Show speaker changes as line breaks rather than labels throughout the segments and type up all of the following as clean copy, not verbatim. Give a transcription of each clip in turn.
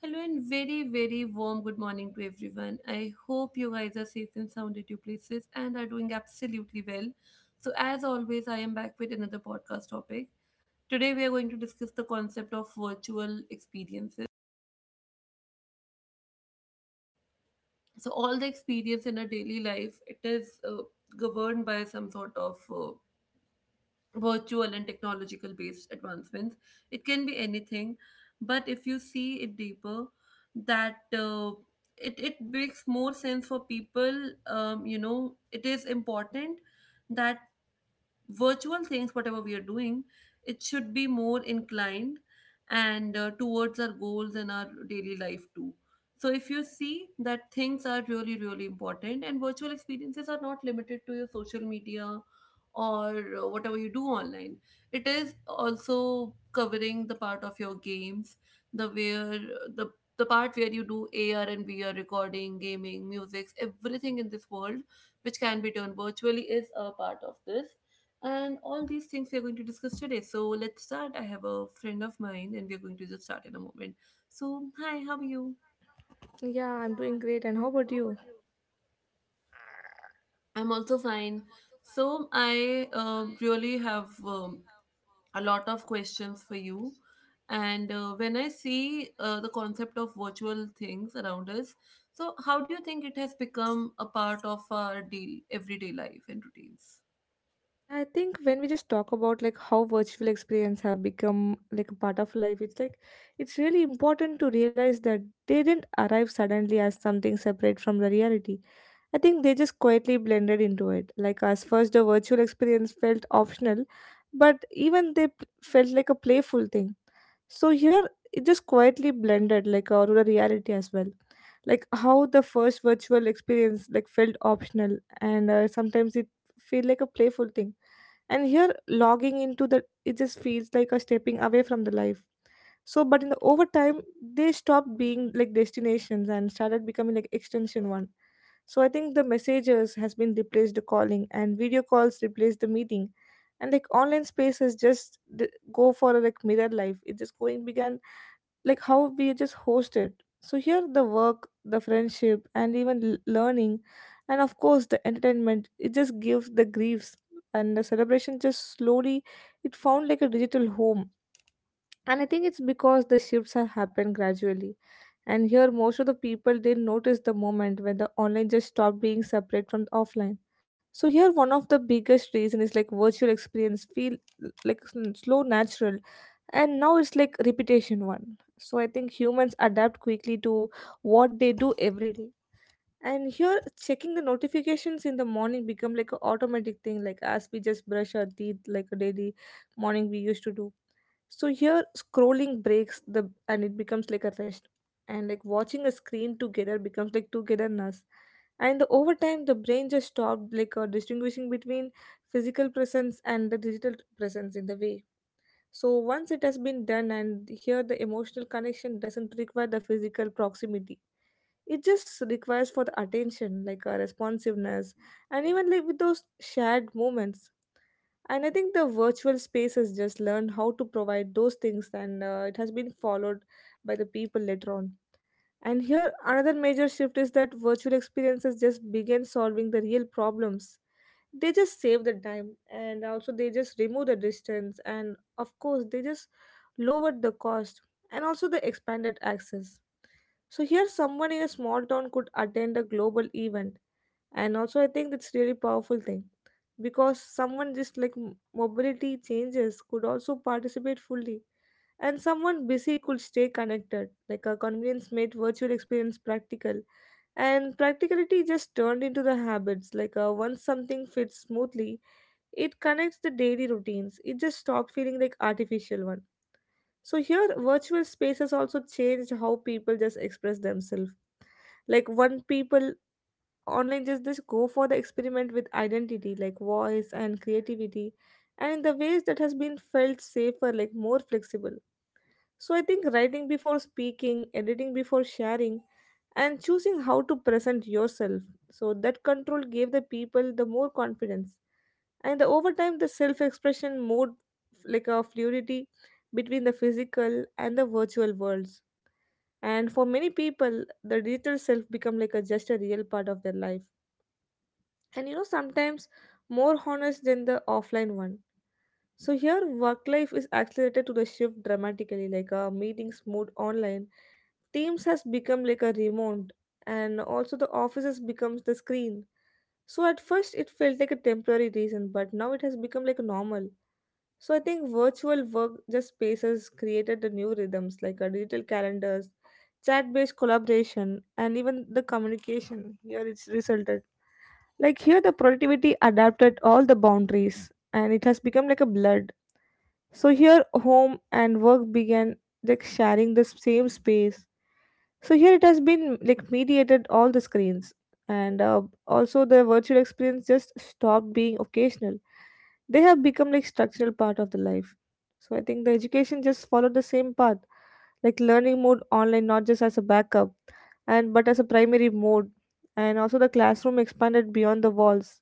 Hello and very, very warm good morning to everyone. I hope you guys are safe and sound at your places and are doing absolutely well. So, as always, I am back with another podcast topic. Today, we are going to discuss the concept of virtual experiences. So, all the experience in our daily life, it is governed by some sort of virtual and technological based advancements. It can be anything, but if you see it deeper, that it makes more sense for people. It is important that virtual things, whatever we are doing, it should be more inclined and towards our goals and our daily life too. So if you see that, things are really, really important, and virtual experiences are not limited to your social media or whatever you do online. It is also covering the part of your games, the where the the part where you do AR and VR recording, gaming, music, everything in this world which can be done virtually is a part of this. And all these things we're going to discuss today. So let's start. I have a friend of mine and we're going to just start in a moment. So, hi, how are you? Yeah,
Yeah, I'm
I'm
doing
doing
great.
great.
And
And
how
how
about
about
you?
you? I'm also fine. So I really have a lot of questions for you. And when I see the concept of virtual things around us, so how do you think it has become a part of our deal, everyday life and routines?
Yeah, I think when we just talk about like how virtual experience have become like a part of life, it's like it's really important to realize that they didn't arrive suddenly as something separate from the reality. I think they just quietly blended into it. Like as first the virtual experience felt optional, but even felt like a playful thing. So here it just quietly blended like our rural reality as well. Like how the first virtual experience like felt optional and sometimes it feel like a playful thing. And here, logging into the it just feels like a stepping away from the life. So, but in the over time, they stopped being like destinations and started becoming like extension one. So I think the messages has been replaced the calling and video calls replaced the meeting. And like online spaces go for a like mirror life. It just going began like how we just host it. So here the work, the friendship, and even learning, and of course the entertainment. It just gives the griefs and the celebration just slowly. It found like a digital home, and I think it's because the shifts have happened gradually. And here most of the people they notice the moment when the online just stopped being separate from the offline. So here one of the biggest reason is like virtual experience feel like slow natural, and now it's like repetition one. So I think humans adapt quickly to what they do every day. And here checking the notifications in the morning become like an automatic thing, like as we just brush our teeth like a daily morning we used to do. So here scrolling breaks the and it becomes like a rest, and like watching a screen together becomes like togetherness. And over time the brain just stopped like distinguishing between physical presence and the digital presence in the way. So once it has been done, and here the emotional connection doesn't require the physical proximity. It just requires for the attention, like a responsiveness, and even like with those shared moments. And I think the virtual space has just learned how to provide those things, and it has been followed by the people later on. And here another major shift is that virtual experiences just begin solving the real problems. They just save the time, and also they just remove the distance, and of course they just lowered the cost, and also the expanded access. So here someone in a small town could attend a global event, and also I think it's really powerful thing, because someone just like mobility changes could also participate fully, and someone busy could stay connected. Like a convenience made virtual experience practical, and practicality just turned into the habits. Like once something fits smoothly, it connects the daily routines. It just stopped feeling like artificial one. So here virtual spaces also changed how people just express themselves. Like one people online just go for the experiment with identity like voice and creativity, and in the ways that has been felt safer, like more flexible. So I think writing before speaking, editing before sharing, and choosing how to present yourself. So that control gave the people the more confidence. And over time, the self expression mode like a fluidity between the physical and the virtual worlds. And for many people, the digital self become like a just a real part of their life. And you know, sometimes more honest than the offline one. So here, work life is accelerated to the shift dramatically. Like meetings moved online, Teams has become like a remote, and also the office has becomes the screen. So at first, it felt like a temporary reason, but now it has become like normal. So I think virtual work just spaces created the new rhythms, like a digital calendars, chat-based collaboration, and even the communication. Here it's resulted like here the productivity adapted all the boundaries, and it has become like a blood. So here, home and work began like sharing the same space. So here it has been like mediated all the screens, and also the virtual experience just stopped being occasional. They have become like structural part of the life. So I think the education just followed the same path, like learning mode online, not just as a backup, and but as a primary mode, and also the classroom expanded beyond the walls.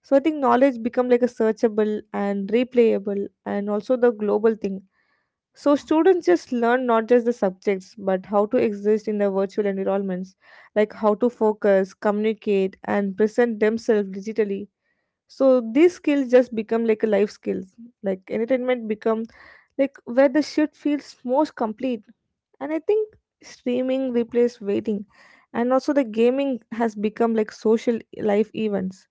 So I think knowledge become like a searchable and replayable, and also the global thing. So students just learn not just the subjects but how to exist in the virtual environments, like how to focus, communicate and present themselves digitally. So these skills just become like a life skills. Like entertainment become like where the shift feels most complete. And I think streaming replaced waiting, and also the gaming has become like social life events,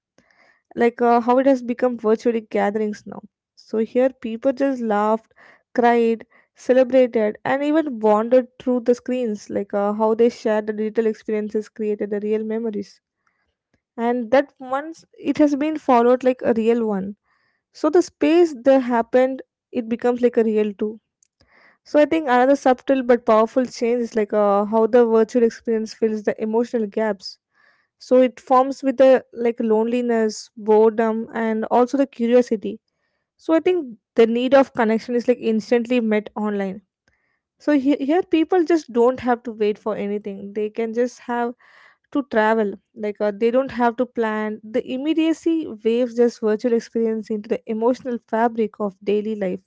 like how it has become virtually gatherings now. So here people just laughed, cried, celebrated, and even wandered through the screens, like how they shared the digital experiences created the real memories. And that once it has been followed like a real one. So the space that happened, it becomes like a real too. So I think another subtle but powerful change is like how the virtual experience fills the emotional gaps. So it forms with the like loneliness boredom and also the curiosity. So I think the need of connection is like instantly met online. So here people just don't have to wait for anything. They can just have to travel. Like they don't have to plan the immediacy waves just virtual experience into the emotional fabric of daily life.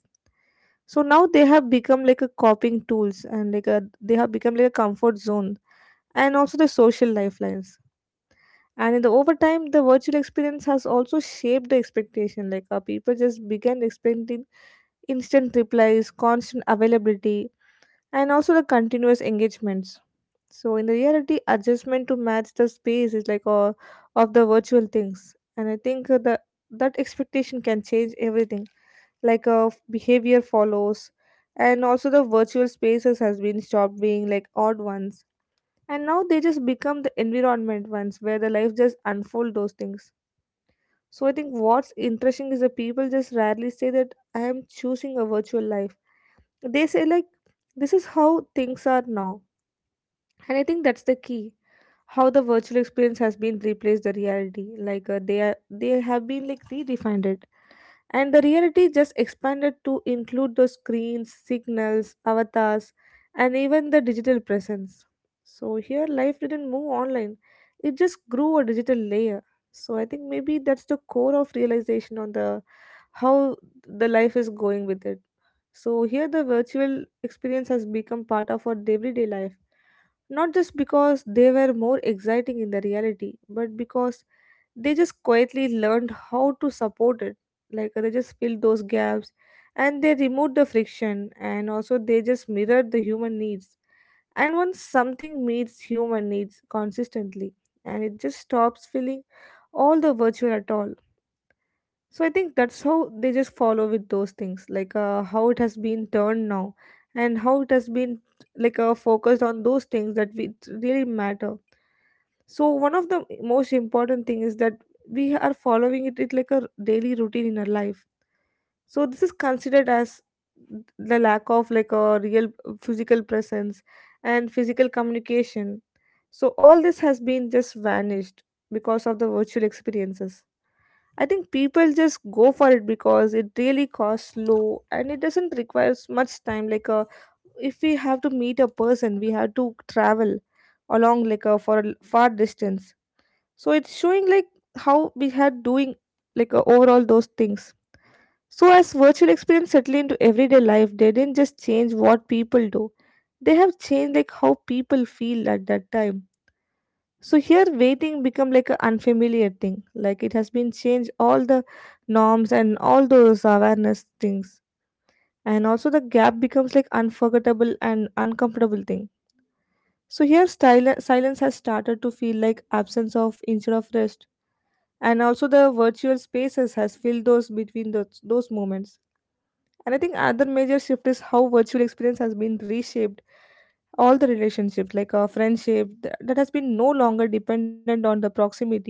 So now they have become like a coping tools, and they have become like a comfort zone, and also the social lifelines. And in the over time the virtual experience has also shaped the expectation. Like people just began expecting instant replies, constant availability, and also the continuous engagements. So in the reality adjustment to match the space is like of the virtual things. And I think the that expectation can change everything, like behavior follows, and also the virtual spaces has been stopped being like odd ones, and now they just become the environment ones where the life just unfold those things. So I think what's interesting is that people just rarely say that I am choosing a virtual life. They say like this is how things are now. And I think that's the key. How the virtual experience has been replaced the reality. Like they are they have been like redefined it. And the reality just expanded to include the screens, signals, avatars, and even the digital presence. So here, life didn't move online, it just grew a digital layer. So I think maybe that's the core of realization on the how the life is going with it. So here the virtual experience has become part of our everyday life, not just because they were more exciting in the reality, but because they just quietly learned how to support it. Like they just filled those gaps, and they removed the friction, and also they just mirrored the human needs. And once something meets human needs consistently, and it just stops feeling all the virtual at all. So I think that's how they just follow with those things, like how it has been turned now, and how it has been like focused on those things that we it really matter. So one of the most important thing is that we are following it, it like a daily routine in our life. So this is considered as the lack of like a real physical presence and physical communication. So all this has been just vanished because of the virtual experiences. I think people just go for it because it really costs low and it doesn't require much time. Like if we have to meet a person, we have to travel along like for a far distance. So it's showing like how we are doing, like overall those things. So as virtual experience settled into everyday life, they didn't just change what people do. They have changed like how people feel at that time. So here waiting become like an unfamiliar thing. Like it has been changed all the norms and all those awareness things. And also the gap becomes like unforgettable and uncomfortable thing. So here silence has started to feel like absence of instead of rest. And also the virtual spaces has filled those between those moments. And I think another major shift is how virtual experience has been reshaped all the relationships, like a friendship that has been no longer dependent on the proximity,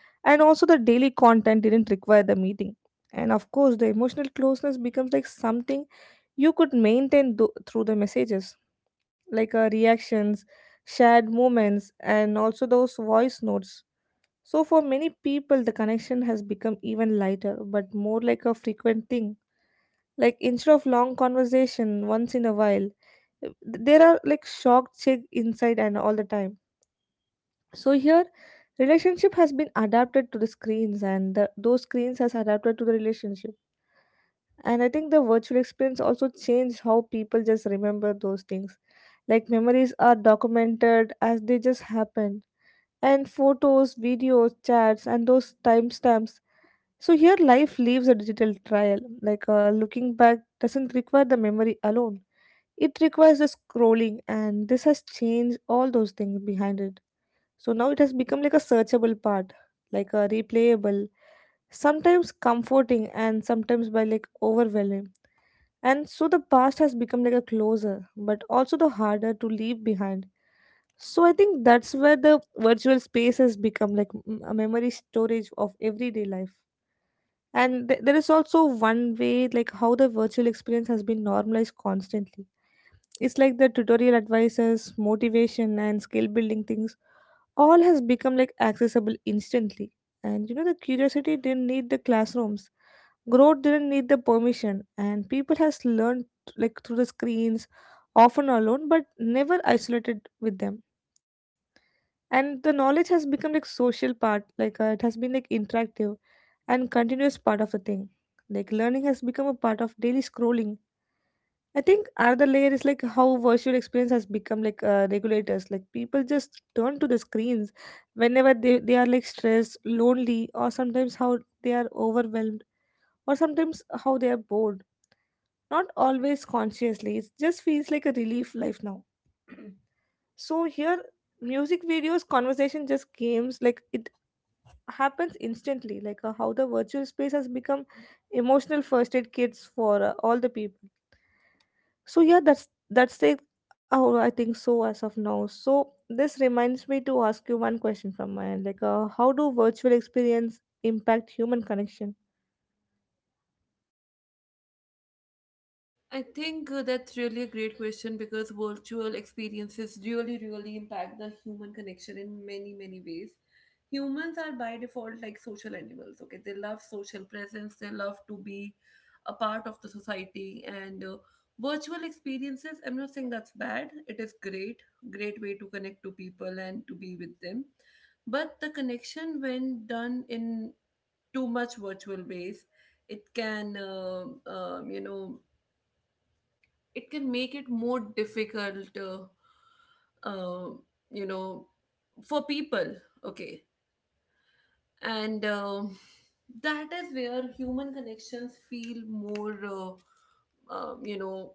and also the daily content didn't require the meeting, and of course the emotional closeness becomes like something you could maintain through the messages, like reactions, shared moments, and also those voice notes. So for many people the connection has become even lighter but more like a frequent thing, like instead of long conversation once in a while, there are like shock check inside and all the time. So here relationship has been adapted to the screens, and those screens has adapted to the relationship. And I think the virtual experience also changed how people just remember those things, like memories are documented as they just happen, and photos, videos, chats, and those timestamps. So here life leaves a digital trail, like looking back doesn't require the memory alone, it requires the scrolling, and this has changed all those things behind it. So now it has become like a searchable part, like a replayable, sometimes comforting and sometimes by like overwhelming. And so the past has become like a closer, but also the harder to leave behind. So I think that's where the virtual space has become like a memory storage of everyday life. And there is also one way, like how the virtual experience has been normalized constantly. It's like the tutorial advices, motivation, and skill building things all has become like accessible instantly. And you know, the curiosity didn't need the classrooms, growth didn't need the permission, and people has learned like through the screens, often alone, but never isolated with them. And the knowledge has become like social part, like it has been like interactive and continuous part of the thing. Like learning has become a part of daily scrolling. I think another layer is like how virtual experience has become like regulators. Like people just turn to the screens whenever they are like stressed, lonely, or sometimes how they are overwhelmed, or sometimes how they are bored. Not always consciously. It just feels like a relief life now. So here, music videos, conversation, just games. Like it happens instantly. Like how the virtual space has become emotional first aid kits for all the people. So yeah, that's it. Oh, I think so as of now. So this reminds me to ask you one question from my end, like, how do virtual experience impact human connection?
I think that's really a great question because virtual experiences really, really impact the human connection in many, many ways. Humans are by default like social animals, okay? They love social presence, they love to be a part of the society, and virtual experiences, I'm not saying that's bad, it is great, great way to connect to people and to be with them. But the connection, when done in too much virtual ways, it can, it can make it more difficult uh, you know for people, okay, and that is where human connections feel more um, you know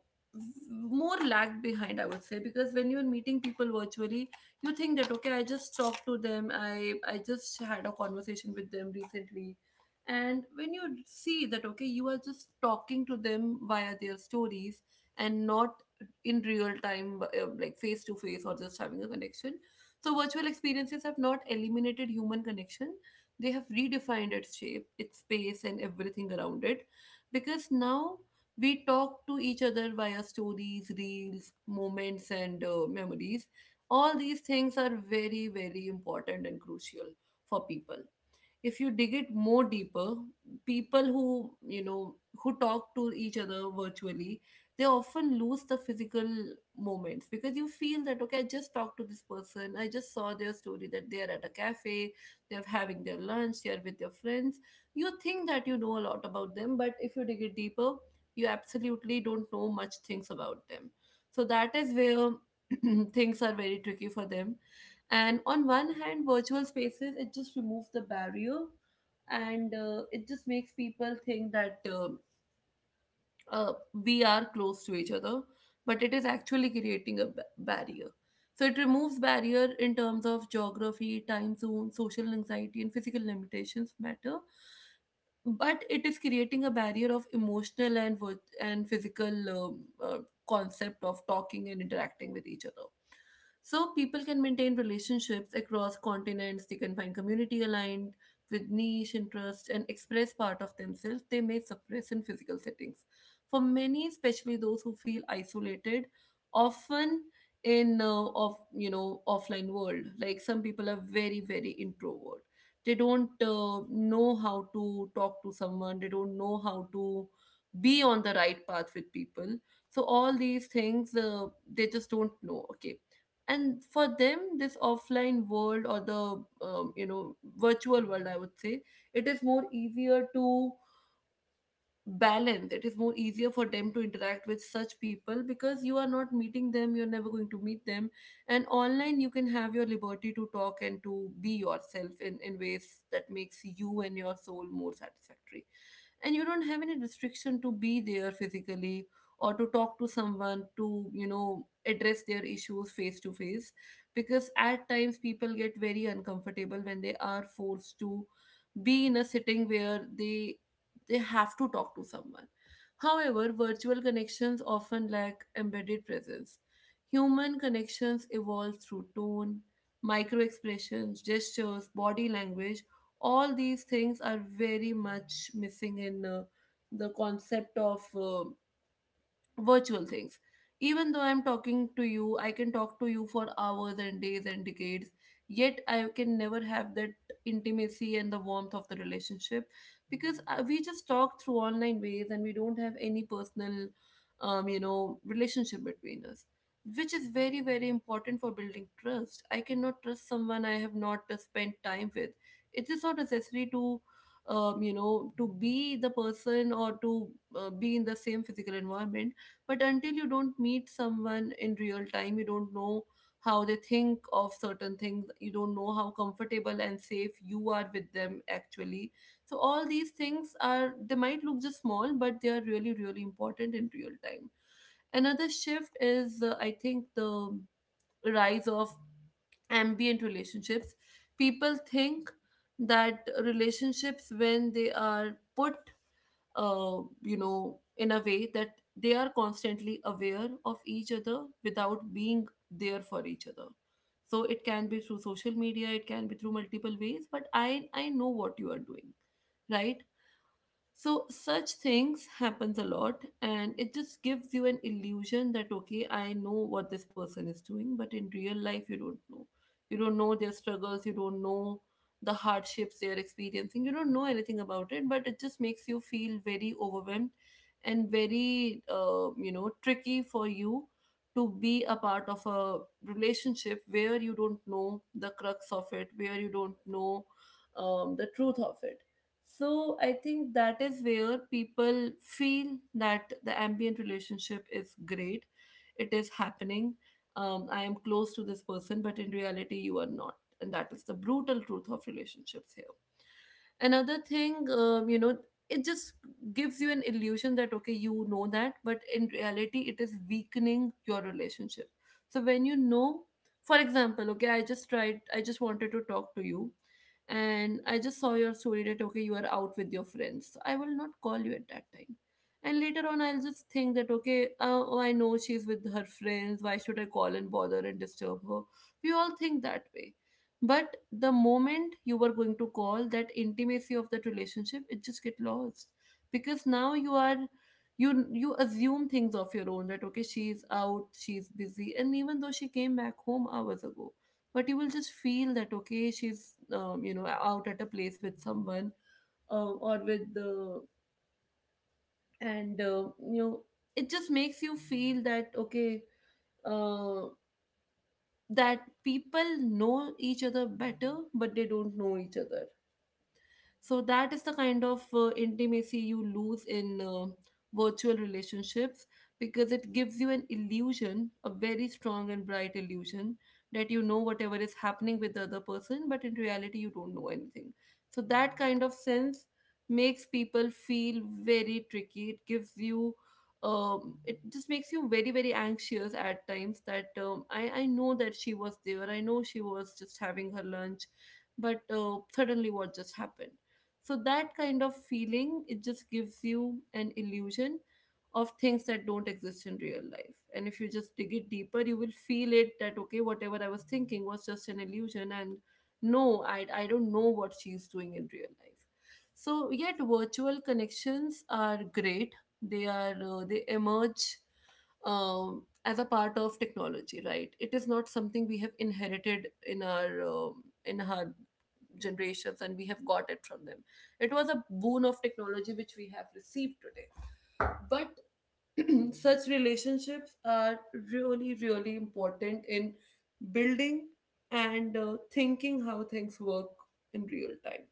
more lagged behind, I would say. Because when you're meeting people virtually, you think that okay, I just talked to them, I just had a conversation with them recently. And when you see that okay, you are just talking to them via their stories and not in real time, like face to face or just having a connection. So virtual experiences have not eliminated human connection, they have redefined its shape, its space, and everything around it. Because now we talk to each other via stories, reels, moments, and memories. All these things are very, very important and crucial for people. If you dig it more deeper, people who, you know, who talk to each other virtually, they often lose the physical moments. Because you feel that okay, I just talked to this person, I just saw their story that they are at a cafe, they're having their lunch, they're with their friends. You think that you know a lot about them, but if you dig it deeper, you absolutely don't know much things about them. So that is where things are very tricky for them. And on one hand, virtual spaces, it just removes the barrier, and it just makes people think that we are close to each other, but it is actually creating a barrier. So it removes barrier in terms of geography, time zone, social anxiety, and physical limitations matter, but it is creating a barrier of emotional and and physical concept of talking and interacting with each other. So people can maintain relationships across continents, they can find community aligned with niche interests, and express part of themselves they may suppress in physical settings. For many, especially those who feel isolated often in of, you know, offline world, like some people are very, very introvert, they don't know how to talk to someone, they don't know how to be on the right path with people. So all these things, they just don't know, okay. And for them, this offline world or the, virtual world I would say, it is more easier to balance, it is more easier for them to interact with such people, because you are not meeting them, you're never going to meet them. And online you can have your liberty to talk and to be yourself in ways that makes you and your soul more satisfactory, and you don't have any restriction to be there physically or to talk to someone, to, you know, address their issues face to face. Because at times people get very uncomfortable when they are forced to be in a sitting where they have to talk to someone. However, virtual connections often lack embedded presence. Human connections evolve through tone, micro expressions, gestures, body language. All these things are very much missing in the concept of virtual things. Even though I'm talking to you, I can talk to you for hours and days and decades, yet I can never have that intimacy and the warmth of the relationship, because we just talk through online ways and we don't have any personal, relationship between us, which is very, very important for building trust. I cannot trust someone I have not spent time with. It is not necessary to, to be the person or to be in the same physical environment, but until you don't meet someone in real time, you don't know how they think of certain things, you don't know how comfortable and safe you are with them actually. So all these things are, they might look just small, but they are really, really important in real time. Another shift is, I think, the rise of ambient relationships. People think that relationships, when they are put in a way that they are constantly aware of each other without being there for each other. So it can be through social media, it can be through multiple ways, but I know what you are doing, right? So such things happens a lot, and it just gives you an illusion that okay, I know what this person is doing, but in real life, you don't know. You don't know their struggles, you don't know the hardships they are experiencing, you don't know anything about it, but it just makes you feel very overwhelmed and very, tricky for you to be a part of a relationship where you don't know the crux of it, where you don't know, the truth of it. So I think that is where people feel that the ambient relationship is great. It is happening. I am close to this person, but in reality, you are not. And that is the brutal truth of relationships here. Another thing, it just gives you an illusion that okay, you know that, but in reality it is weakening your relationship. So when you know, for example, okay, I just wanted to talk to you, and I just saw your story that okay, you are out with your friends, so I will not call you at that time. And later on I'll just think that okay, oh, I know she's with her friends, why should I call and bother and disturb her? We all think that way, but the moment you were going to call, that intimacy of that relationship, it just get lost. Because now you are, you assume things of your own, that okay, she's out, she's busy, and even though she came back home hours ago, but you will just feel that okay, she's, out at a place with someone, or with the and you know it just makes you feel that okay, uh, that people know each other better, but they don't know each other. So that is the kind of intimacy you lose in virtual relationships, because it gives you an illusion, a very strong and bright illusion, that you know whatever is happening with the other person, but in reality, you don't know anything. So that kind of sense makes people feel very tricky. It gives you, it just makes you very, very anxious at times, that I know that she was there, I know she was just having her lunch, but suddenly what just happened? So that kind of feeling, it just gives you an illusion of things that don't exist in real life. And if you just dig it deeper, you will feel it that okay, whatever I was thinking was just an illusion, and no, I don't know what she's doing in real life. So yet, virtual connections are great. They are they emerge as a part of technology, right? It is not something we have inherited in our generations, and we have got it from them. It was a boon of technology which we have received today, but such relationships are really really important in building and thinking how things work in real time.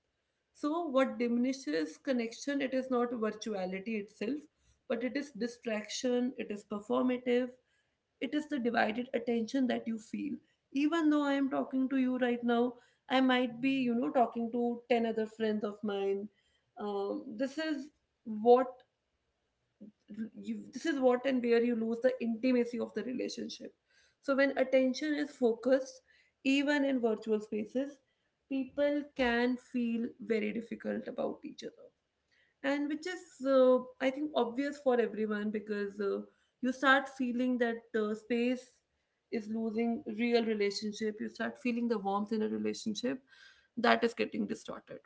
So what diminishes connection, it is not virtuality itself, but it is distraction, it is performative, it is the divided attention that you feel. Even though I am talking to you right now, I might be, talking to 10 other friends of mine. This is what this is what and where you lose the intimacy of the relationship. So when attention is focused, even in virtual spaces, people can feel very difficult about each other, and which is I think obvious for everyone, because you start feeling that space is losing real relationship, you start feeling the warmth in a relationship that is getting distorted.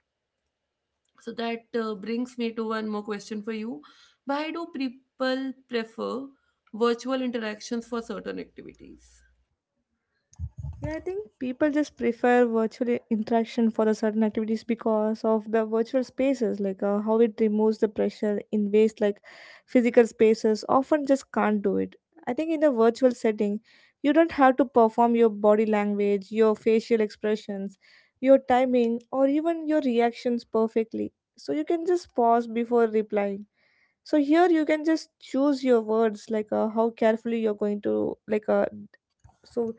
So that brings me to one more question for you: why do people prefer virtual interactions for certain activities?
Yeah, I think people just prefer virtual interaction for the certain activities because of the virtual spaces, like how it removes the pressure in ways like physical spaces often just can't do it. I think in the virtual setting, you don't have to perform your body language, your facial expressions, your timing, or even your reactions perfectly. So you can just pause before replying. So here you can just choose your words, like how carefully you're going to like so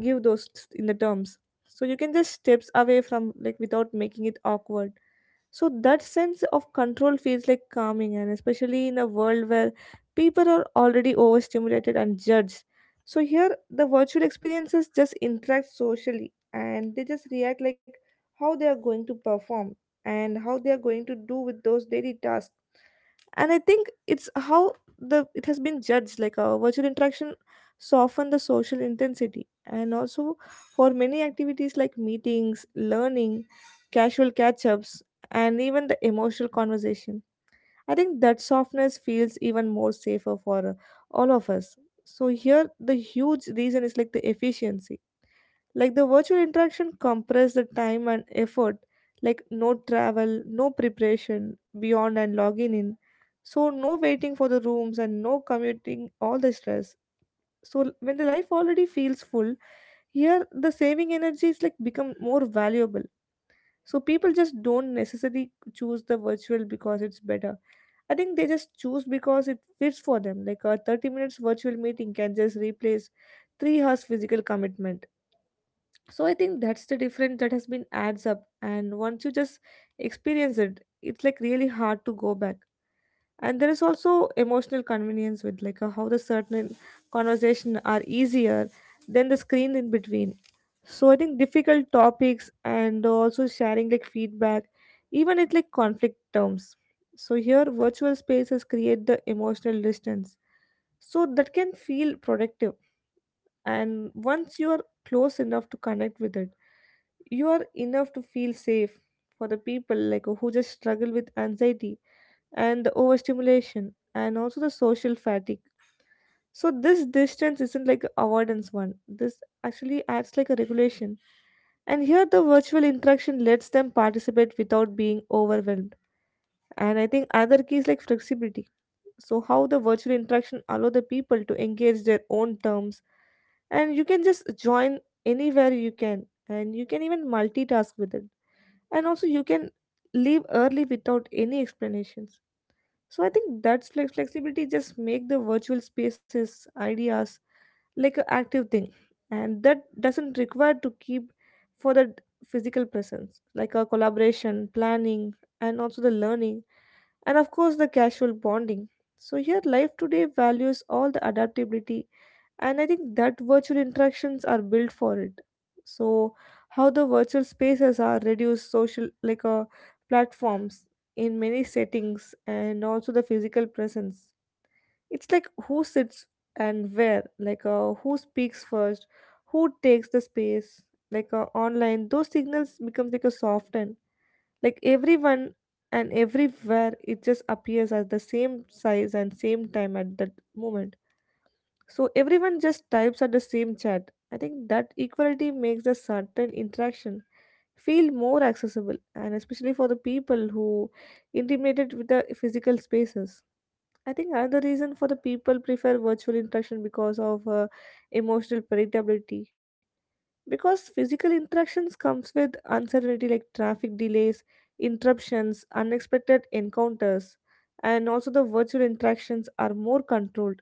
give those in the terms, so you can just steps away from like without making it awkward. So that sense of control feels like calming, and especially in a world where people are already overstimulated and judged. So here the virtual experiences just interact socially and they just react like how they are going to perform and how they are going to do with those daily tasks. And I think it's how the it has been judged like a virtual interaction soften the social intensity, and also for many activities like meetings, learning, casual catch-ups, and even the emotional conversation, I think that softness feels even more safer for all of us. So here the huge reason is like the efficiency, like the virtual interaction compressed the time and effort, like no travel, no preparation beyond and logging in. So no waiting for the rooms and no commuting all the stress. So when the life already feels full, here the saving energy is like become more valuable. So people just don't necessarily choose the virtual because it's better. I think they just choose because it fits for them. Like a 30 minutes virtual meeting can just replace 3 hours physical commitment. So I think that's the difference that has been adds up, and once you just experience it, it's like really hard to go back. And there is also emotional convenience with like how the certain conversation are easier than the screen in between. So I think difficult topics, and also sharing like feedback, even it like conflict terms, so here virtual spaces create the emotional distance, so that can feel productive. And once you are close enough to connect with it, you are enough to feel safe for the people like who just struggle with anxiety and the overstimulation and also the social fatigue. So this distance isn't like a avoidance one, this actually acts like a regulation, and here the virtual interaction lets them participate without being overwhelmed. And I think other key is like flexibility, so how the virtual interaction allow the people to engage their own terms, and you can just join anywhere you can, and you can even multitask with it, and also you can leave early without any explanations. So I think that's flexibility just make the virtual spaces ideas like an active thing, and that doesn't require to keep for the physical presence like a collaboration, planning, and also the learning, and of course the casual bonding. So here life today values all the adaptability, and I think that virtual interactions are built for it. So how the virtual spaces are reduced social like platforms in many settings, and also the physical presence. It's like who sits and where, like who speaks first, who takes the space, like online. Those signals becomes like a softened, like everyone and everywhere it just appears as the same size and same time at that moment. So everyone just types at the same chat. I think that equality makes a certain interaction feel more accessible, and especially for the people who intimidated with the physical spaces. I think another reason for the people prefer virtual interaction because of emotional predictability, because physical interactions comes with uncertainty like traffic delays, interruptions, unexpected encounters, and also the virtual interactions are more controlled.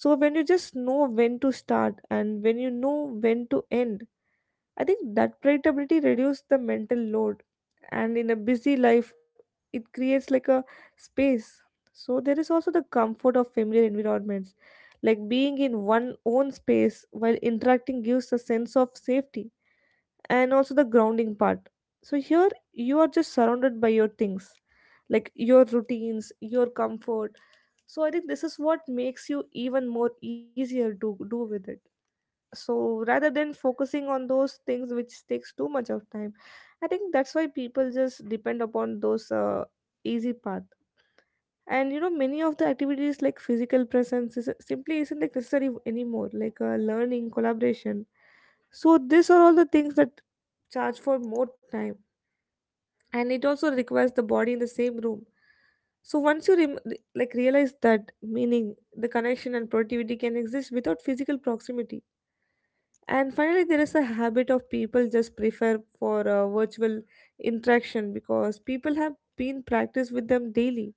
So when you just know when to start and when you know when to end, I think that predictability reduces the mental load, and in a busy life it creates like a space. So there is also the comfort of familiar environments, like being in one own space while interacting gives a sense of safety and also the grounding part. So here you are just surrounded by your things, like your routines, your comfort. So I think this is what makes you even more easier to do with it. So rather than focusing on those things which takes too much of time, I think that's why people just depend upon those easy path. And you know, many of the activities like physical presence is, simply isn't like necessary anymore, like learning, collaboration. So these are all the things that charge for more time, and it also requires the body in the same room. So once you like realize that meaning the connection and productivity can exist without physical proximity. And finally there is a habit of people just prefer for virtual interaction because people have been practiced with them daily,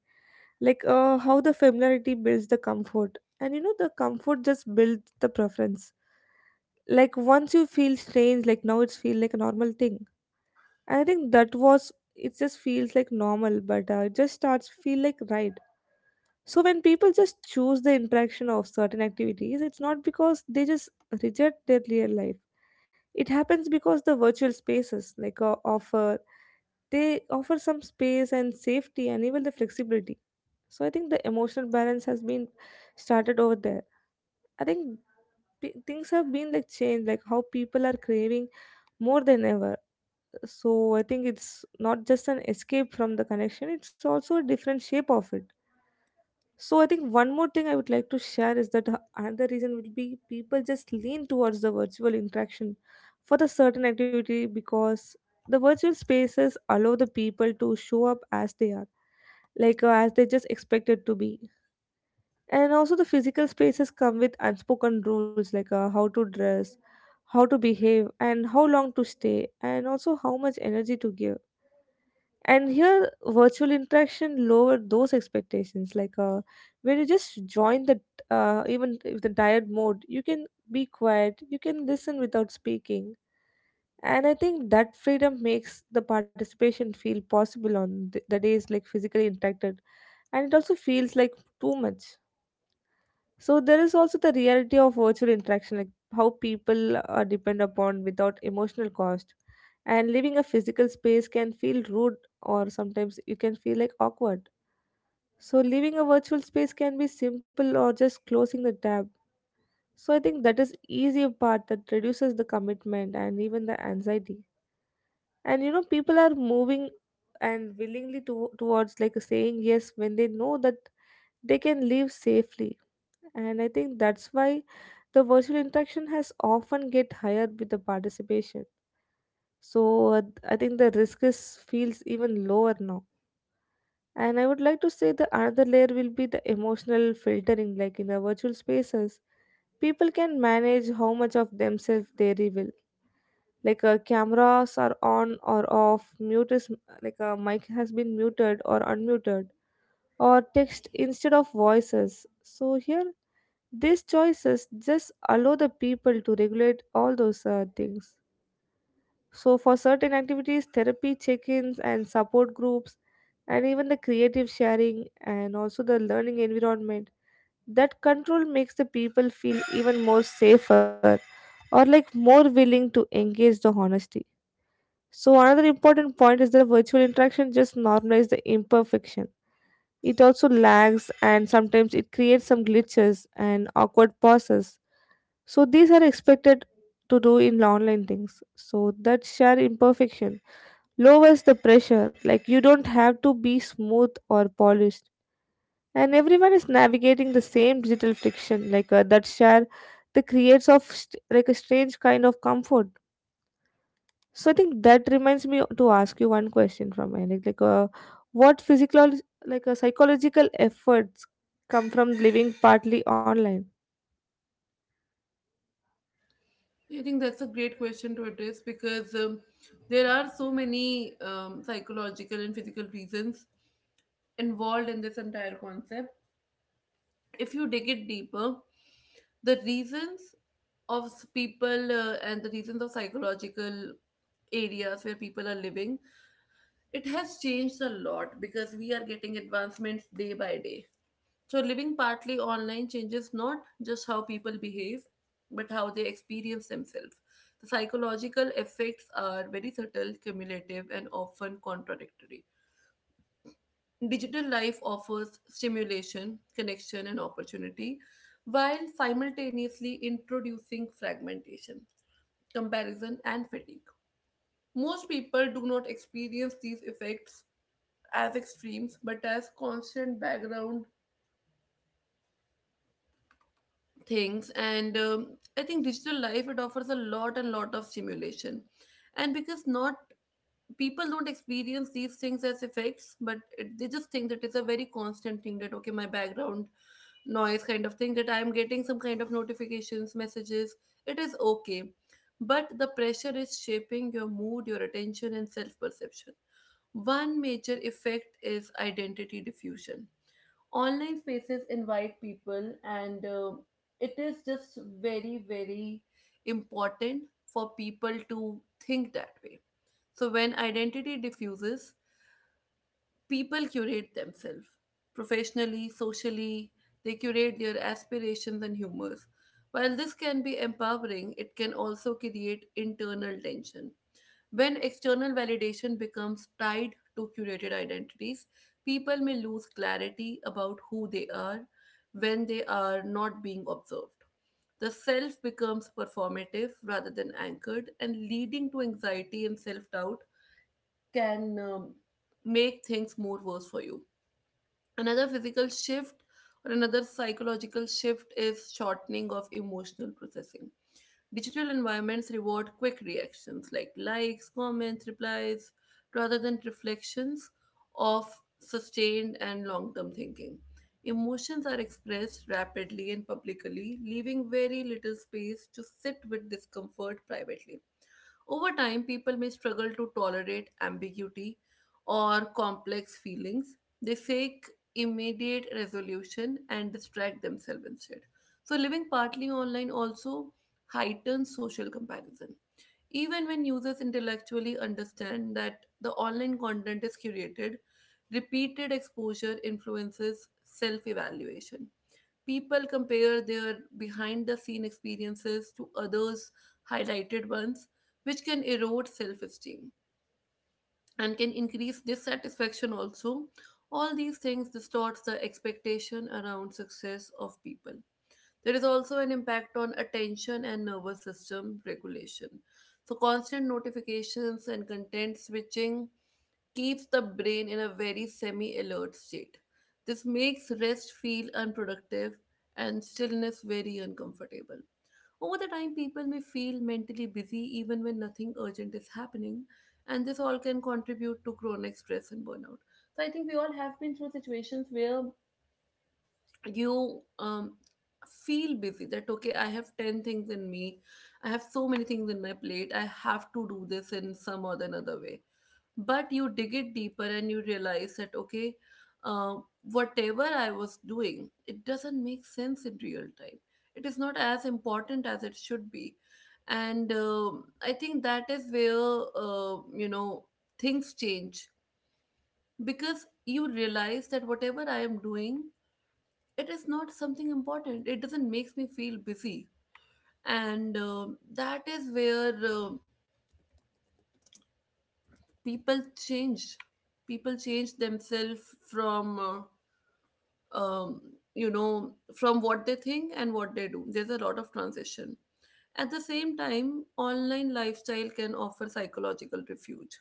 like how the familiarity builds the comfort, and you know the comfort just builds the preference. Like once you feel strange, like now it's feel like a normal thing. And I think that was it just feels like normal, but it just starts feel like right. So when people just choose the interaction of certain activities, it's not because they just reject their real life. It happens because the virtual spaces like offer they offer some space and safety and even the flexibility. So I think the emotional balance has been started over there. I think things have been like changed, like how people are craving more than ever. So I think it's not just an escape from the connection, it's also a different shape of it. So I think one more thing I would like to share is that another reason will be people just lean towards the virtual interaction for the certain activity because the virtual spaces allow the people to show up as they are, as they just expected to be. And also the physical spaces come with unspoken rules, how to dress, how to behave, and how long to stay, and also how much energy to give. And here virtual interaction lower those expectations, when you just join the even if the tired mode, you can be quiet, you can listen without speaking. And I think that freedom makes the participation feel possible on the days like physically interacted, and it also feels like too much. So there is also the reality of virtual interaction, like how people are depend upon without emotional cost. And leaving a physical space can feel rude, or sometimes you can feel like awkward. So leaving a virtual space can be simple or just closing the tab. So I think that is easier part that reduces the commitment and even the anxiety. And you know people are moving and willingly towards like saying yes when they know that they can leave safely. And I think that's why the virtual interaction has often get higher with the participation. So uh, I think the risk is feels even lower now. And I would like to say the another layer will be the emotional filtering, like in the virtual spaces people can manage how much of themselves they reveal, cameras are on or off, mute is like a mic has been muted or unmuted, or text instead of voices. So here these choices just allow the people to regulate all those things. So for certain activities, therapy check ins and support groups, and even the creative sharing and also the learning environment, that control makes the people feel even more safer, or like more willing to engage the honesty. So another important point is that virtual interaction just normalizes the imperfection. It also lags and sometimes it creates some glitches and awkward pauses. So these are expected to do in online things, so that share imperfection lowers the pressure. Like you don't have to be smooth or polished, and everyone is navigating the same digital friction, that share the creates of st- like a strange kind of comfort. So I think that reminds me to ask you one question from my what physical psychological efforts come from living partly online.
I think that's a great question to address, because there are so many psychological and physical reasons involved in this entire concept. If you dig it deeper, the reasons people and the reasons of psychological areas where people are living, it has changed a lot because we are getting advancements day by day. So, living partly online changes not just how people behave, but how they experience themselves. The psychological effects are very subtle, cumulative, and often contradictory. Digital life offers stimulation, connection, and opportunity, while simultaneously introducing fragmentation, comparison, and fatigue. Most people do not experience these effects as extremes, but as constant background things. And I think digital life, it offers a lot and lot of stimulation, and because not, people don't experience these things as effects, but it, they just think that it's a very constant thing, that okay, my background noise kind of thing, that I am getting some kind of notifications, messages, it is okay. But the pressure is shaping your mood, your attention, and self perception. One major effect is identity diffusion. Online spaces invite people, and it is just very very important for people to think that way. So when identity diffuses, people curate themselves professionally, socially, they curate their aspirations and humors. While this can be empowering, it can also create internal tension. When external validation becomes tied to curated identities, people may lose clarity about who they are when they are not being observed. The self becomes performative rather than anchored, and leading to anxiety and self doubt can make things more worse for you. Another physical shift or another psychological shift is shortening of emotional processing. Digital environments reward quick reactions like likes, comments, replies, rather than reflections of sustained and long term thinking. Emotions are expressed rapidly and publicly, leaving very little space to sit with discomfort privately. Over time, people may struggle to tolerate ambiguity or complex feelings. They seek immediate resolution and distract themselves instead. So, living partly online also heightens social comparison. Even when users intellectually understand that the online content is curated, repeated exposure influences self evaluation. People compare their behind the scene experiences to others' highlighted ones, which can erode self esteem and can increase dissatisfaction also. All these things distorts the expectation around success of people. There is also an impact on attention and nervous system regulation. So constant notifications and content switching keeps the brain in a very semi alert state. This makes rest feel unproductive and stillness very uncomfortable. Over the time, people may feel mentally busy even when nothing urgent is happening, and this all can contribute to chronic stress and burnout. So, I think we all have been through situations where you feel busy that okay, I have 10 things in me, I have so many things in my plate, I have to do this in some or the another way. But you dig it deeper and you realize that okay, uh, whatever I was doing, it doesn't make sense in real time, it is not as important as it should be. And I think that is where, you know, things change, because you realize that whatever I am doing, it is not something important, it doesn't makes me feel busy. And that is where, people change. People change themselves from, um, you know, from what they think and what they do. There's a lot of transition. At the same time, online lifestyle can offer psychological refuge.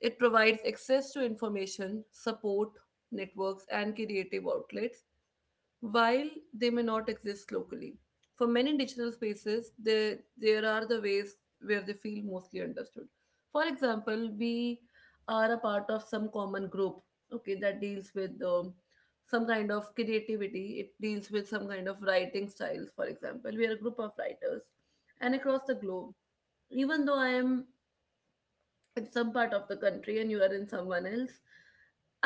It provides access to information, support networks, and creative outlets while they may not exist locally. For many digital spaces, there are the ways where they feel mostly understood. For example, we are a part of some common group, okay, that deals with some kind of creativity. It deals with some kind of writing styles, for example. We are a group of writers, and across the globe, even though I am in some part of the country and you are in someone else,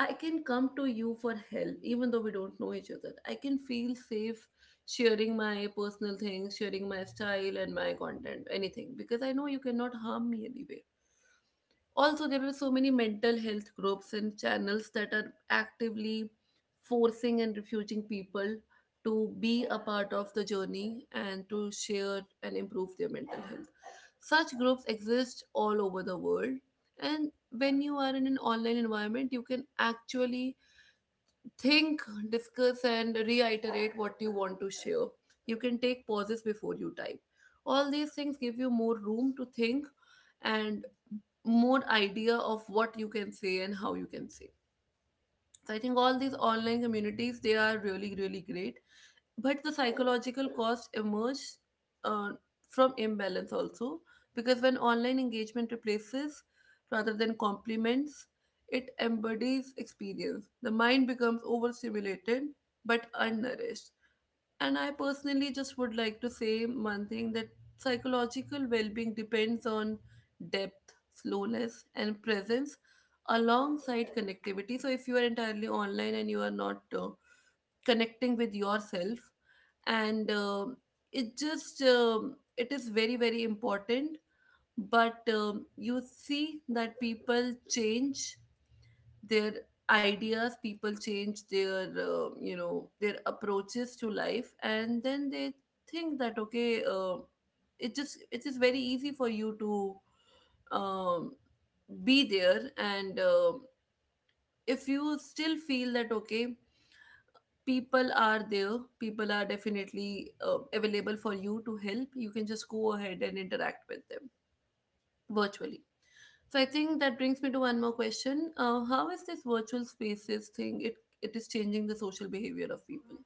I can come to you for help. Even though we don't know each other, I can feel safe sharing my personal things, sharing my style and my content, anything, because I know you cannot harm me anyway. Also, there are so many mental health groups and channels that are actively forcing and refusing people to be a part of the journey and to share and improve their mental health. Such groups exist all over the world, and when you are in an online environment, you can actually think, discuss, and reiterate what you want to share. You can take pauses before you type. All these things give you more room to think and more idea of what you can say and how you can say. So I think all these online communities, they are really really great, but the psychological cost emerges uh, from imbalance also, because when online engagement replaces rather than complements, it embodies experience, the mind becomes overstimulated but unnourished. And I personally just would like to say one thing, that psychological well being depends on depth, slowness, and presence alongside connectivity. So, if you are entirely online and you are not connecting with yourself, and it just, it is very very important. But you see that people change their ideas, people change their, you know, their approaches to life, and then they think that okay, it just, it is very easy for you to um, be there. And if you still feel that okay, people are there, people are definitely available for you to help, you can just go ahead and interact with them virtually. So I think that brings me to one more question. How is this virtual spaces thing? It is changing the social behavior of people.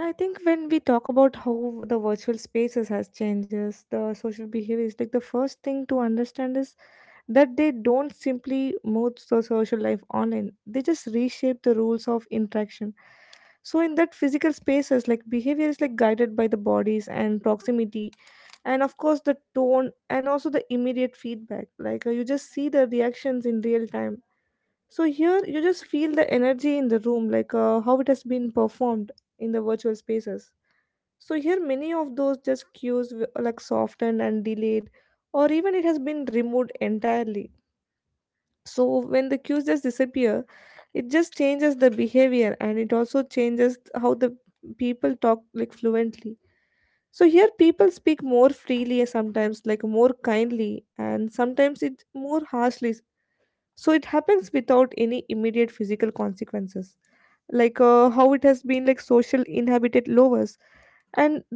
Yeah, I think when we talk about how the virtual spaces has changes the social behaviors, like the first thing to understand is that they don't simply move the social life online. They just reshape the rules of interaction. So in that physical spaces, like behavior is like guided by the bodies and proximity, and of course the tone and also the immediate feedback. You just see the reactions in real time. So here you just feel the energy in the room, how it has been performed in the virtual spaces. So here many of those just cues were like softened and delayed, or even it has been removed entirely. So when the cues just disappear, it just changes the behavior, and it also changes how the people talk like fluently. So here people speak more freely, sometimes like more kindly and sometimes it more harshly. So it happens without any immediate physical consequences, how it has been like social inhabited lowers,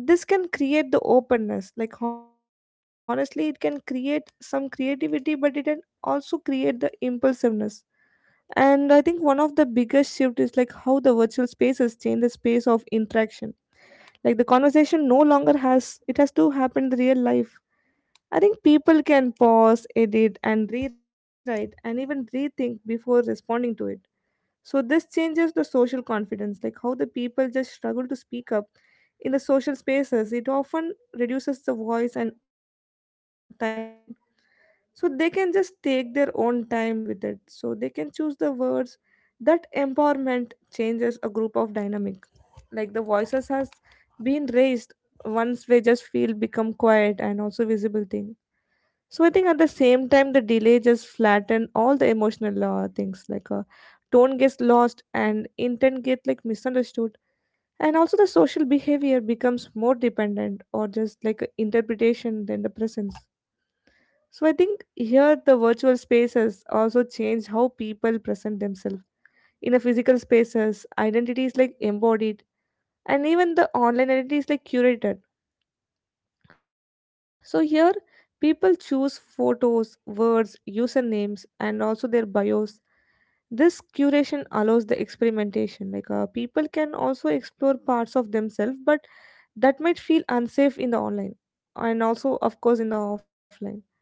and this can create the openness, like honestly it can create some creativity, but it can also create the impulsiveness. And I think one of the biggest shift is like how the virtual spaces change the space of interaction, like the conversation no longer has it has to happen in the real life. I think people can pause, edit, and rewrite, and even rethink before responding to it. So this changes the social confidence, like how the people just struggle to speak up in the social spaces. It often reduces the voice and timeline. So they can just take their own time with it. So they can choose the words. That empowerment changes a group of dynamic. Like the voices has been raised once we just feel become quiet and also visible thing. So I think at the same time, the delay just flatten all the emotional things, tone gets lost and intent get like misunderstood. And also the social behavior becomes more dependent, or just like a interpretation than the presence. So I think here the virtual spaces also change how people present themselves. In a physical spaces, identity is like embodied, and even the online identity is like curated. So here people choose photos, words, usernames, and also their bios. This curation allows the experimentation. People can also explore parts of themselves, but that might feel unsafe in the online, and also of course in the offline.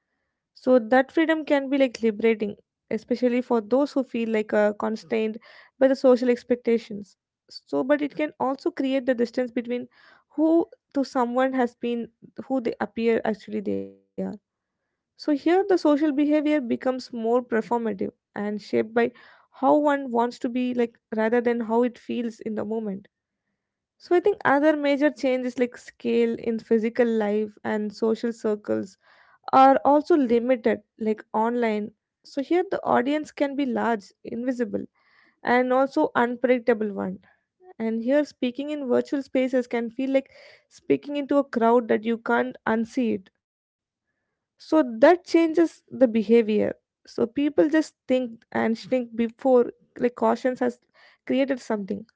So that freedom can be like liberating, especially for those who feel constrained by the social expectations. So, but it can also create the distance between who to someone has been, who they appear actually they are. So here the social behavior becomes more performative and shaped by how one wants to be, like rather than how it feels in the moment. So I think other major changes like scale in physical life and social circles are also limited, like online. So here the audience can be large, invisible, and also unpredictable one. And here speaking in virtual spaces can feel like speaking into a crowd that you can't unsee it. So that changes the behavior. So people just think and think before, like cautions has created something.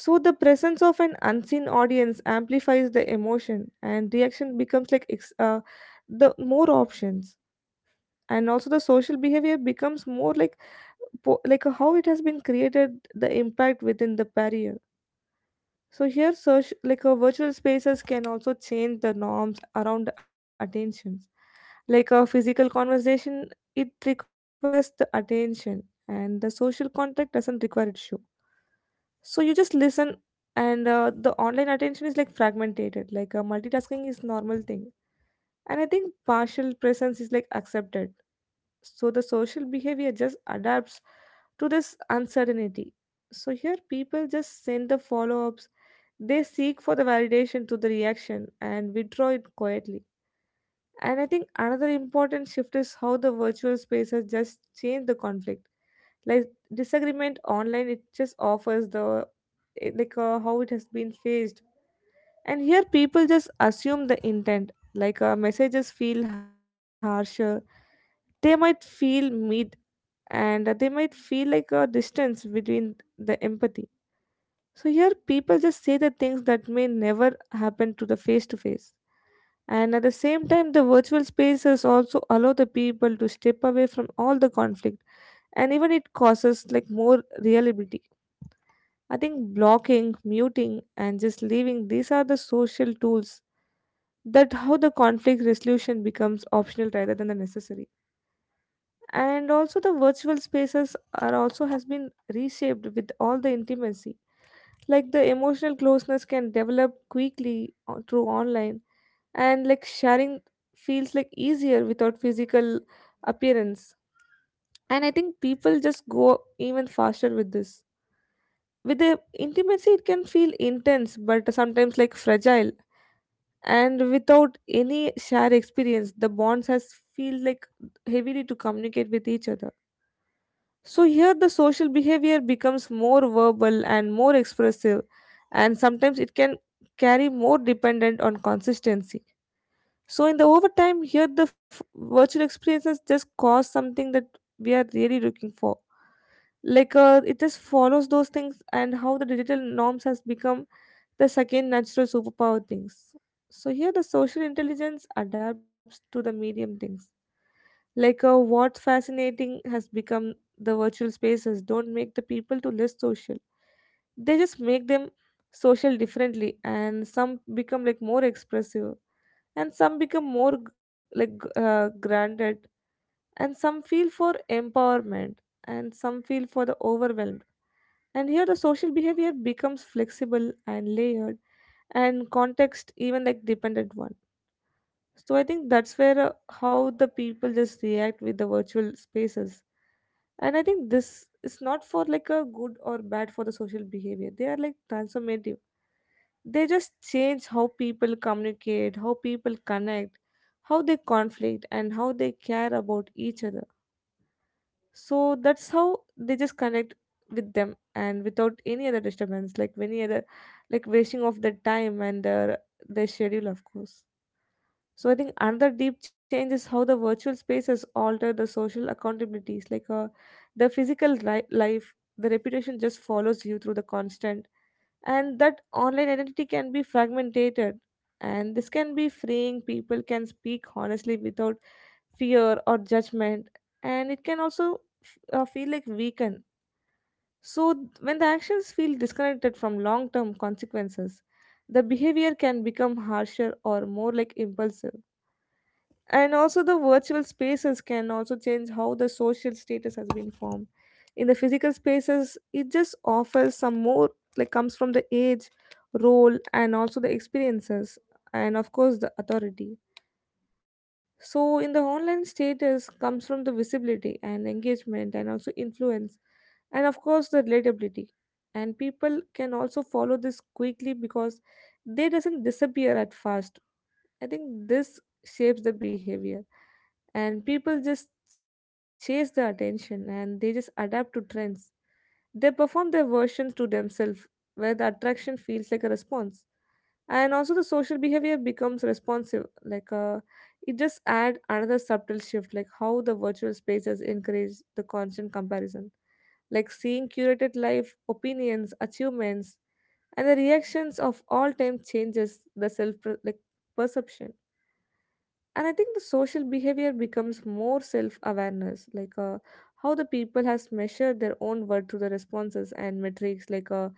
So the presence of an unseen audience amplifies the emotion and reaction becomes like the more options, and also the social behavior becomes more like like how it has been created the impact within the barrier. So here search like a virtual spaces can also change the norms around attentions, like a physical conversation, it requires the attention and the social contact doesn't require it show. So you just listen, and the online attention is like fragmented, multitasking is normal thing, and I think partial presence is like accepted. So the social behavior just adapts to this uncertainty. So here people just send the follow ups, they seek for the validation to the reaction and withdraw it quietly. And I think another important shift is how the virtual space has just changed the conflict. Like disagreement online, it just offers the how it has been faced. And here people just assume the intent. Messages feel harsher, they might feel mean, and they might feel like a distance between the empathy. So here people just say the things that may never happen to the face to face. And at the same time, the virtual spaces also allow the people to step away from all the conflict, and even it causes like more reliability. I think blocking, muting, and just leaving, these are the social tools that how the conflict resolution becomes optional rather than the necessary. And also the virtual spaces are also has been reshaped with all the intimacy, like the emotional closeness can develop quickly through online, and like sharing feels like easier without physical appearance. And I think people just go even faster with this. With the intimacy it can feel intense but sometimes like fragile, and without any shared experience the bonds has feel like heavily to communicate with each other. So here the social behavior becomes more verbal and more expressive, and sometimes it can carry more dependent on consistency. So in the overtime, here the virtual experiences just cause something that we are really looking for. It just follows those things, and how the digital norms has become the second natural superpower things. So here the social intelligence adapts to the medium things. What's fascinating has become the virtual spaces don't make the people to less social. They just make them social differently, and some become like more expressive, and some become more granted, and some feel for empowerment, and some feel for the overwhelmed. And here the social behavior becomes flexible and layered, and context even like dependent one. So I think that's where how the people just react with the virtual spaces. And I think this is not for like a good or bad for the social behavior. They are like transformative. They just change how people communicate, how people connect, how they conflict, and how they care about each other. So that's how they just connect with them and without any other disturbance, like any other, like wasting of their time and their schedule, of course. So I think another deep change is how the virtual spaces alter the social accountabilities, the physical life, the reputation just follows you through the constant, and that online identity can be fragmented, and this can be freeing. People can speak honestly without fear or judgment, and it can also feel like weaken. So when the actions feel disconnected from long-term consequences, the behavior can become harsher or more like impulsive. And also, the virtual spaces can also change how the social status has been formed. In the physical spaces, it just offers some more, like, comes from the age, role, and also the experiences, and of course, the authority. So, in the online status, comes from the visibility and engagement, and also influence, and of course, the relatability. And people can also follow this quickly because they doesn't disappear at fast. I think this shapes the behavior and people just chase the attention and they just adapt to trends. They perform their versions to themselves where the attraction feels like a response. And also the social behavior becomes responsive, it just add another subtle shift, like how the virtual spaces encourage the constant comparison, like seeing curated life, opinions, achievements, and the reactions of all time changes the self like perception. And I think the social behavior becomes more self awareness, how the people has measured their own worth through the responses and metrics,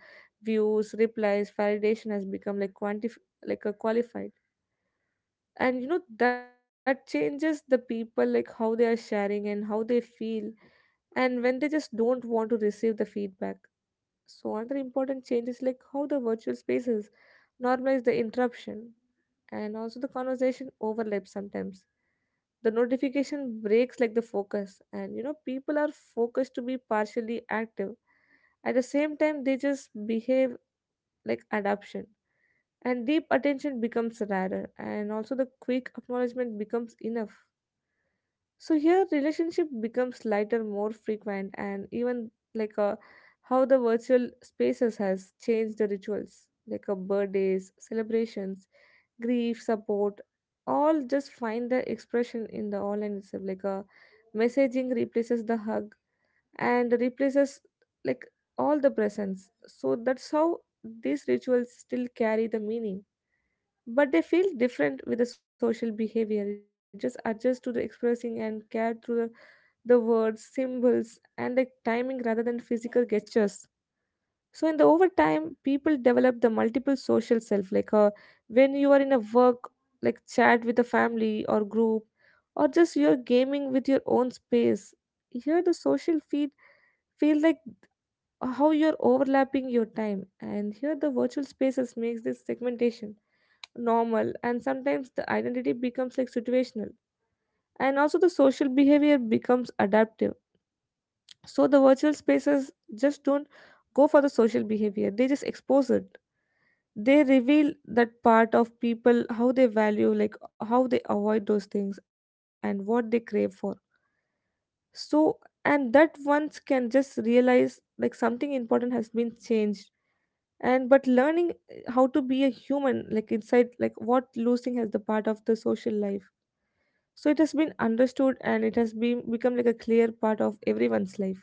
views replies validation has become like a qualified. And you know that changes the people, like how they are sharing and how they feel and when they just don't want to receive the feedback. So another important change is like how the virtual spaces normalize the interruption and also the conversation overlaps sometimes. The notification breaks like the focus and you know people are focused to be partially active. At the same time they just behave like adaption, and deep attention becomes rarer and also the quick acknowledgement becomes enough. So here relationship becomes lighter, more frequent, and even like uh, how the virtual spaces has changed the rituals, birthdays celebrations, grief support, all just find their expression in the online itself, messaging replaces the hug and replaces like all the presence. So that's how these rituals still carry the meaning, but they feel different with the social behavior. It just adjusts to the expressing and care through the words, symbols, and the timing rather than physical gestures. So in the over time, people develop the multiple social self. When you are in a work, like chat with a family or group, or just you're gaming with your own space. Here, the social feed feel like how you're overlapping your time, and here the virtual spaces makes this segmentation normal, and sometimes the identity becomes like situational, and also the social behavior becomes adaptive. So the virtual spaces just don't go for the social behavior, they just expose it. They reveal that part of people, how they value, like how they avoid those things and what they crave for. So, and that once can just realize like something important has been changed. And but learning how to be a human, like inside, like what losing has the part of the social life. So it has been understood and it has been become like a clear part of everyone's life.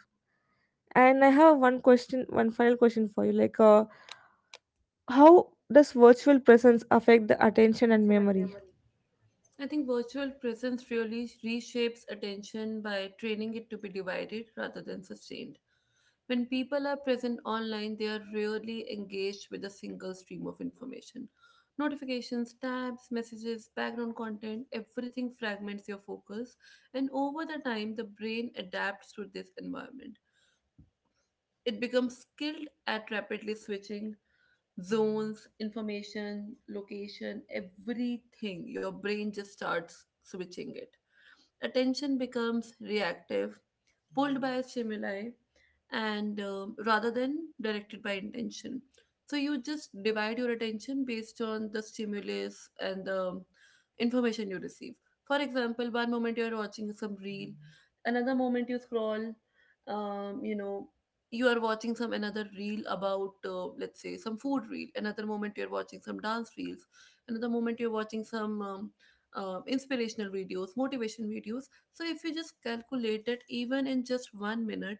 And I have one question, one final question for you. How does virtual presence affect the attention and memory?
I think virtual presence really reshapes attention by training it to be divided rather than sustained. When people are present online, they are really engaged with a single stream of information. Notifications, tabs, messages, background content, everything fragments your focus, and over the time, the brain adapts to this environment. It becomes skilled at rapidly switching zones, information, location, everything. Your brain just starts switching it. Attention becomes reactive, pulled by stimuli, and rather than directed by intention. So you just divide your attention based on the stimulus and the information you receive. For example, one moment you're watching some reel, another moment you scroll, you know, you are watching some another reel about, let's say, some food reel, another moment you're watching some dance reels, another moment you're watching some, inspirational videos, motivation videos. So if you just calculate that, even in just 1 minute,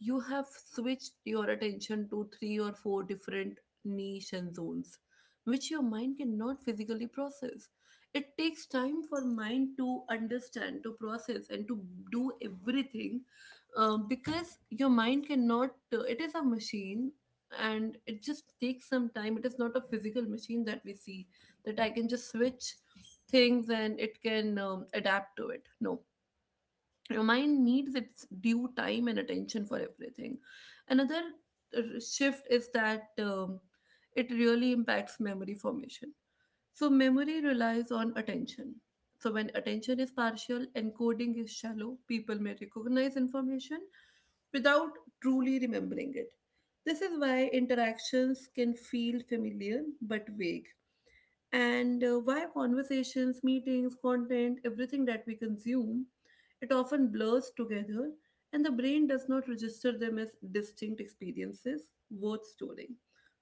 you have switched your attention to three or four different niche and zones, which your mind cannot physically process. It takes time for mind to understand, to process, and to do everything. Because your mind cannot, it is a machine, and it just takes some time. It is not a physical machine that we see, that I can just switch things and it can adapt to it. No, your mind needs its due time and attention for everything. Another shift is that, it really impacts memory formation. So memory relies on attention, so when attention is partial, encoding is shallow. People may recognize information without truly remembering it. This is why interactions can feel familiar but vague, and why conversations, meetings, content, everything that we consume, it often blurs together, and the brain does not register them as distinct experiences worth storing.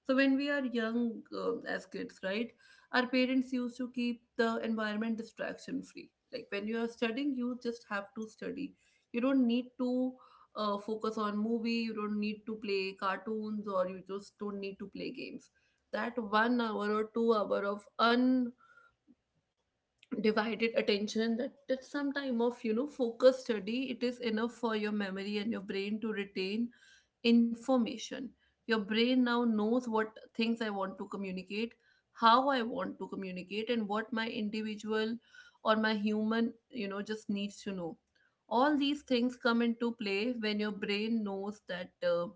So, when we are young as kids, right, our parents used to keep the environment distraction free. Like when you are studying, you just have to study. You don't need to focus on movie, you don't need to play cartoons, or you just don't need to play games, that 1 hour or 2 hour of undivided attention, that some time of focus study, it is enough for your memory and your brain to retain information. Your brain now knows what things I want to communicate, how I want to communicate, and what my individual or my human just needs to know. All these things come into play when your brain knows that,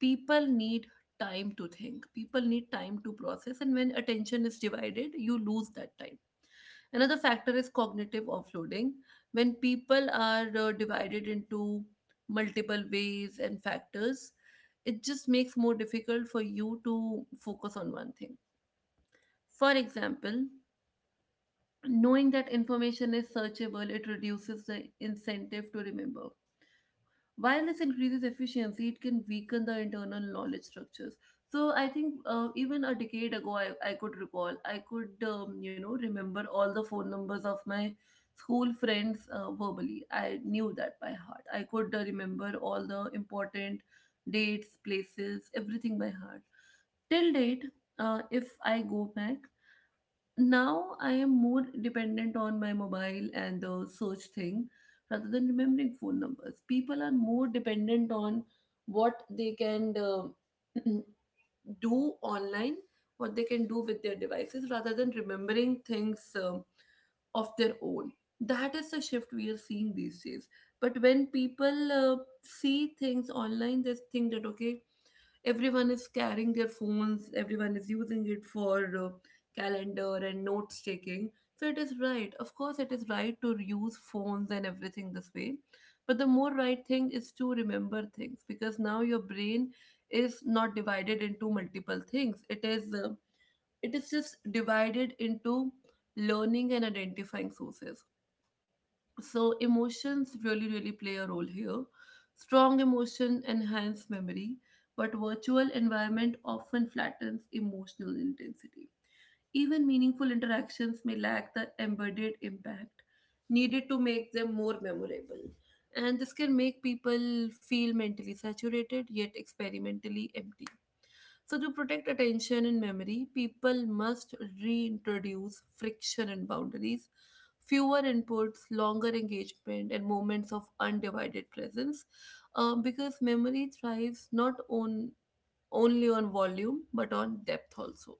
people need time to think, people need time to process, and when attention is divided you lose that time. Another factor is cognitive offloading. When people are divided into multiple ways and factors, it just makes more difficult for you to focus on one thing. For example, knowing that information is searchable, it reduces the incentive to remember. While this increases efficiency, it can weaken the internal knowledge structures. So I think even a decade ago, I could recall, I could, remember all the phone numbers of my school friends verbally. I knew that by heart. I could remember all the important dates, places, everything by heart till date. If I go back, now I am more dependent on my mobile and the search thing rather than remembering phone numbers. People are more dependent on what they can do online, what they can do with their devices rather than remembering things of their own. That is the shift we are seeing these days. But when people, see things online, they think that, okay, everyone is carrying their phones, everyone is using it for uh, calendar and notes taking. So it is right, of course it is right to use phones and everything this way, but the more right thing is to remember things, because now your brain is not divided into multiple things. It is just divided into learning and identifying sources. So emotions really, really play a role here. Strong emotion enhance memory, but virtual environment often flattens emotional intensity. Even meaningful interactions may lack the embedded impact needed to make them more memorable. And this can make people feel mentally saturated yet experimentally empty. So, to protect attention and memory, people must reintroduce friction and boundaries, fewer inputs, longer engagement, and moments of undivided presence, because memory thrives not on only on volume but on depth also.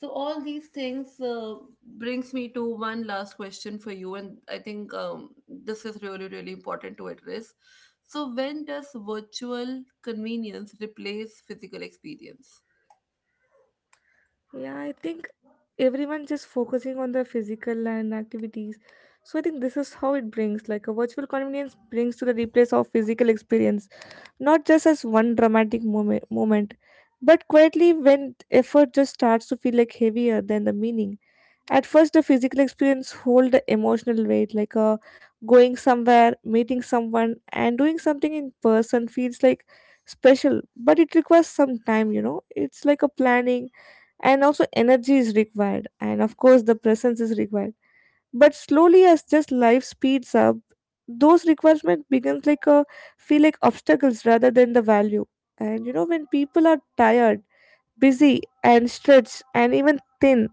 So all these things, brings me to one last question for you, and I think this is really really important to address. So when does virtual convenience replace physical experience?
Yeah, I think everyone just focusing on the physical and activities. So I think this is how it brings like a virtual convenience brings to the replace of physical experience, not just as one dramatic moment, but quietly when effort just starts to feel like heavier than the meaning. At first, the physical experience hold the emotional weight, going somewhere, meeting someone, and doing something in person feels like special, but it requires some time, you know. It's like a planning, and also energy is required, and of course, the presence is required. But slowly, as just life speeds up, those requirements becomes like a feel like obstacles rather than the value. And you know, when people are tired, busy, and stretched, and even thin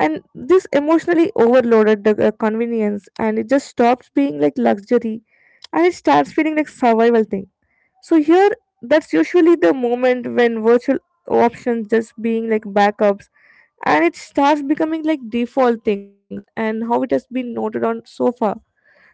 and this emotionally overloaded the convenience, and it just stops being like luxury and it starts feeling like survival thing. So here that's usually the moment when virtual options just being like backups, and it starts becoming like default things and how it has been noted on so far.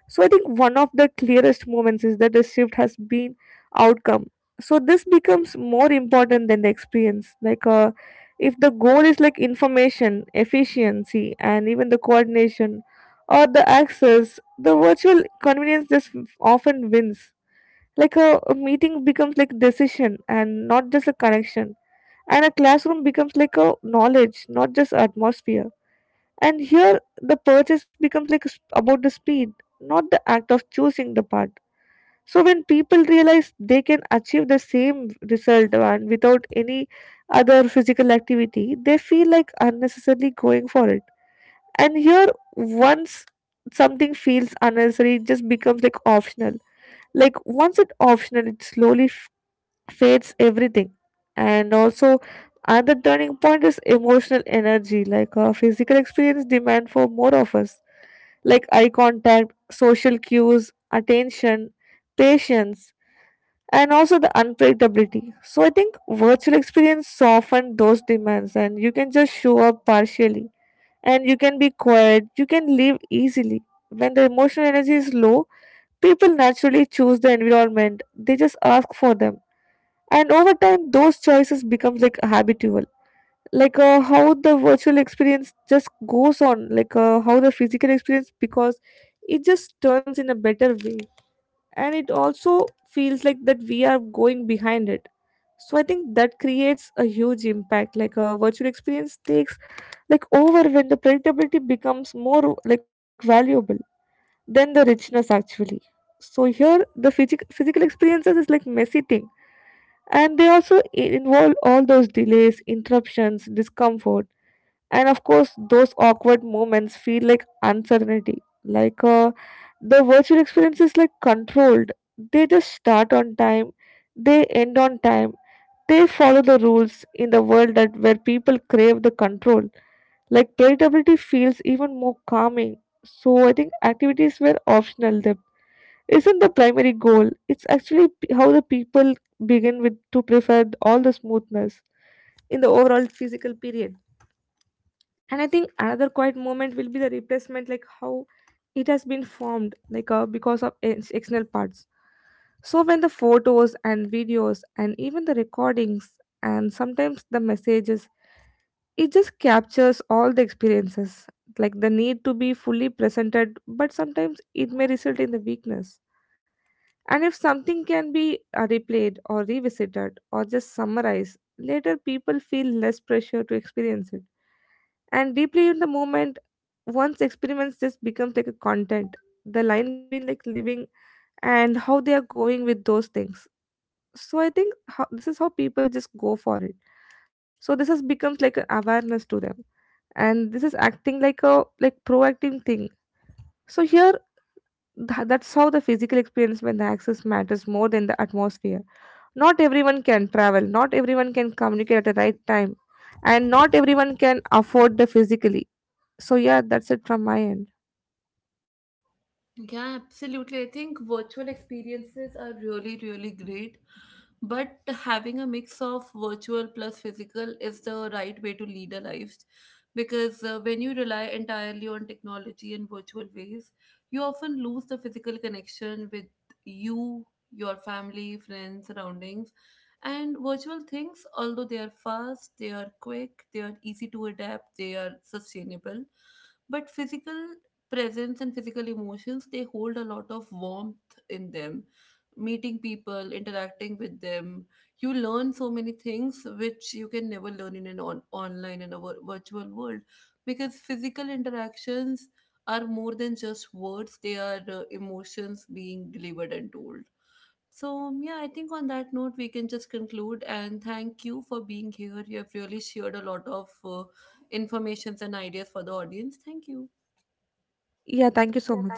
So I think one of the clearest moments is that the shift has been outcome. So this becomes more important than the experience. If the goal is like information, efficiency, and even the coordination or the access, the virtual convenience just often wins. Like a meeting becomes like decision and not just a connection. And a classroom becomes like a knowledge, not just atmosphere. And here, the purchase becomes about the speed, not the act of choosing the part. So, when people realize they can achieve the same result and without any other physical activity, they feel like unnecessarily going for it. And here, once something feels unnecessary, it just becomes like optional. Like, once it's optional, it slowly fades everything. And also, another turning point is emotional energy, like our physical experience demand for more of us, like eye contact, social cues, attention, patience, and also the unpredictability. So I think virtual experience soften those demands and you can just show up partially and you can be quiet, you can leave easily. When the emotional energy is low, people naturally choose the environment. They just ask for them. And over time those choices becomes like habitual, how the virtual experience just goes on, how the physical experience, because it just turns in a better way and it also feels like that we are going behind it. So I think that creates a huge impact, like a virtual experience takes like over when the predictability becomes more like valuable than the richness actually. So here the physical experiences is like messy thing, and they also involve all those delays, interruptions, discomfort, and of course, those awkward moments feel like uncertainty. The virtual experience is like controlled. They just start on time, they end on time. They follow the rules in the world that where people crave the control. Like predictability feels even more calming. So I think activities were optional. Them isn't the primary goal. It's actually how the people begin with to prefer all the smoothness in the overall physical period. And I think another quiet moment will be the replacement, like how it has been formed, because of external parts. So when the photos and videos and even the recordings and sometimes the messages, it just captures all the experiences, like the need to be fully presented, but sometimes it may result in the weakness. And if something can be replayed or revisited or just summarized later, people feel less pressure to experience it and deeply in the moment. Once experiments just becomes like a content, the line between like living and how they are going with those things. So I think how, this is how people just go for it. So this has becomes like an awareness to them, and this is acting like a like proactive thing. So here that's how the physical experience when the access matters more than the atmosphere. Not everyone can travel, not everyone can communicate at the right time, and not everyone can afford the physically. So yeah, that's it from my end.
Yeah, absolutely. I think virtual experiences are really, really great. But having a mix of virtual plus physical is the right way to lead a life. Because when you rely entirely on technology and virtual ways, you often lose the physical connection with you, your family, friends, surroundings. And virtual things, although they are fast, they are quick, they are easy to adapt, they are sustainable. But physical presence and physical emotions, they hold a lot of warmth in them. Meeting people, interacting with them, you learn so many things which you can never learn in an online and a virtual world, because physical interactions are more than just words, they are emotions being delivered and told. So, yeah, I think on that note, we can just conclude and thank you for being here. You have really shared a lot of informations and ideas for the audience. Thank you.
Yeah, thank you so much.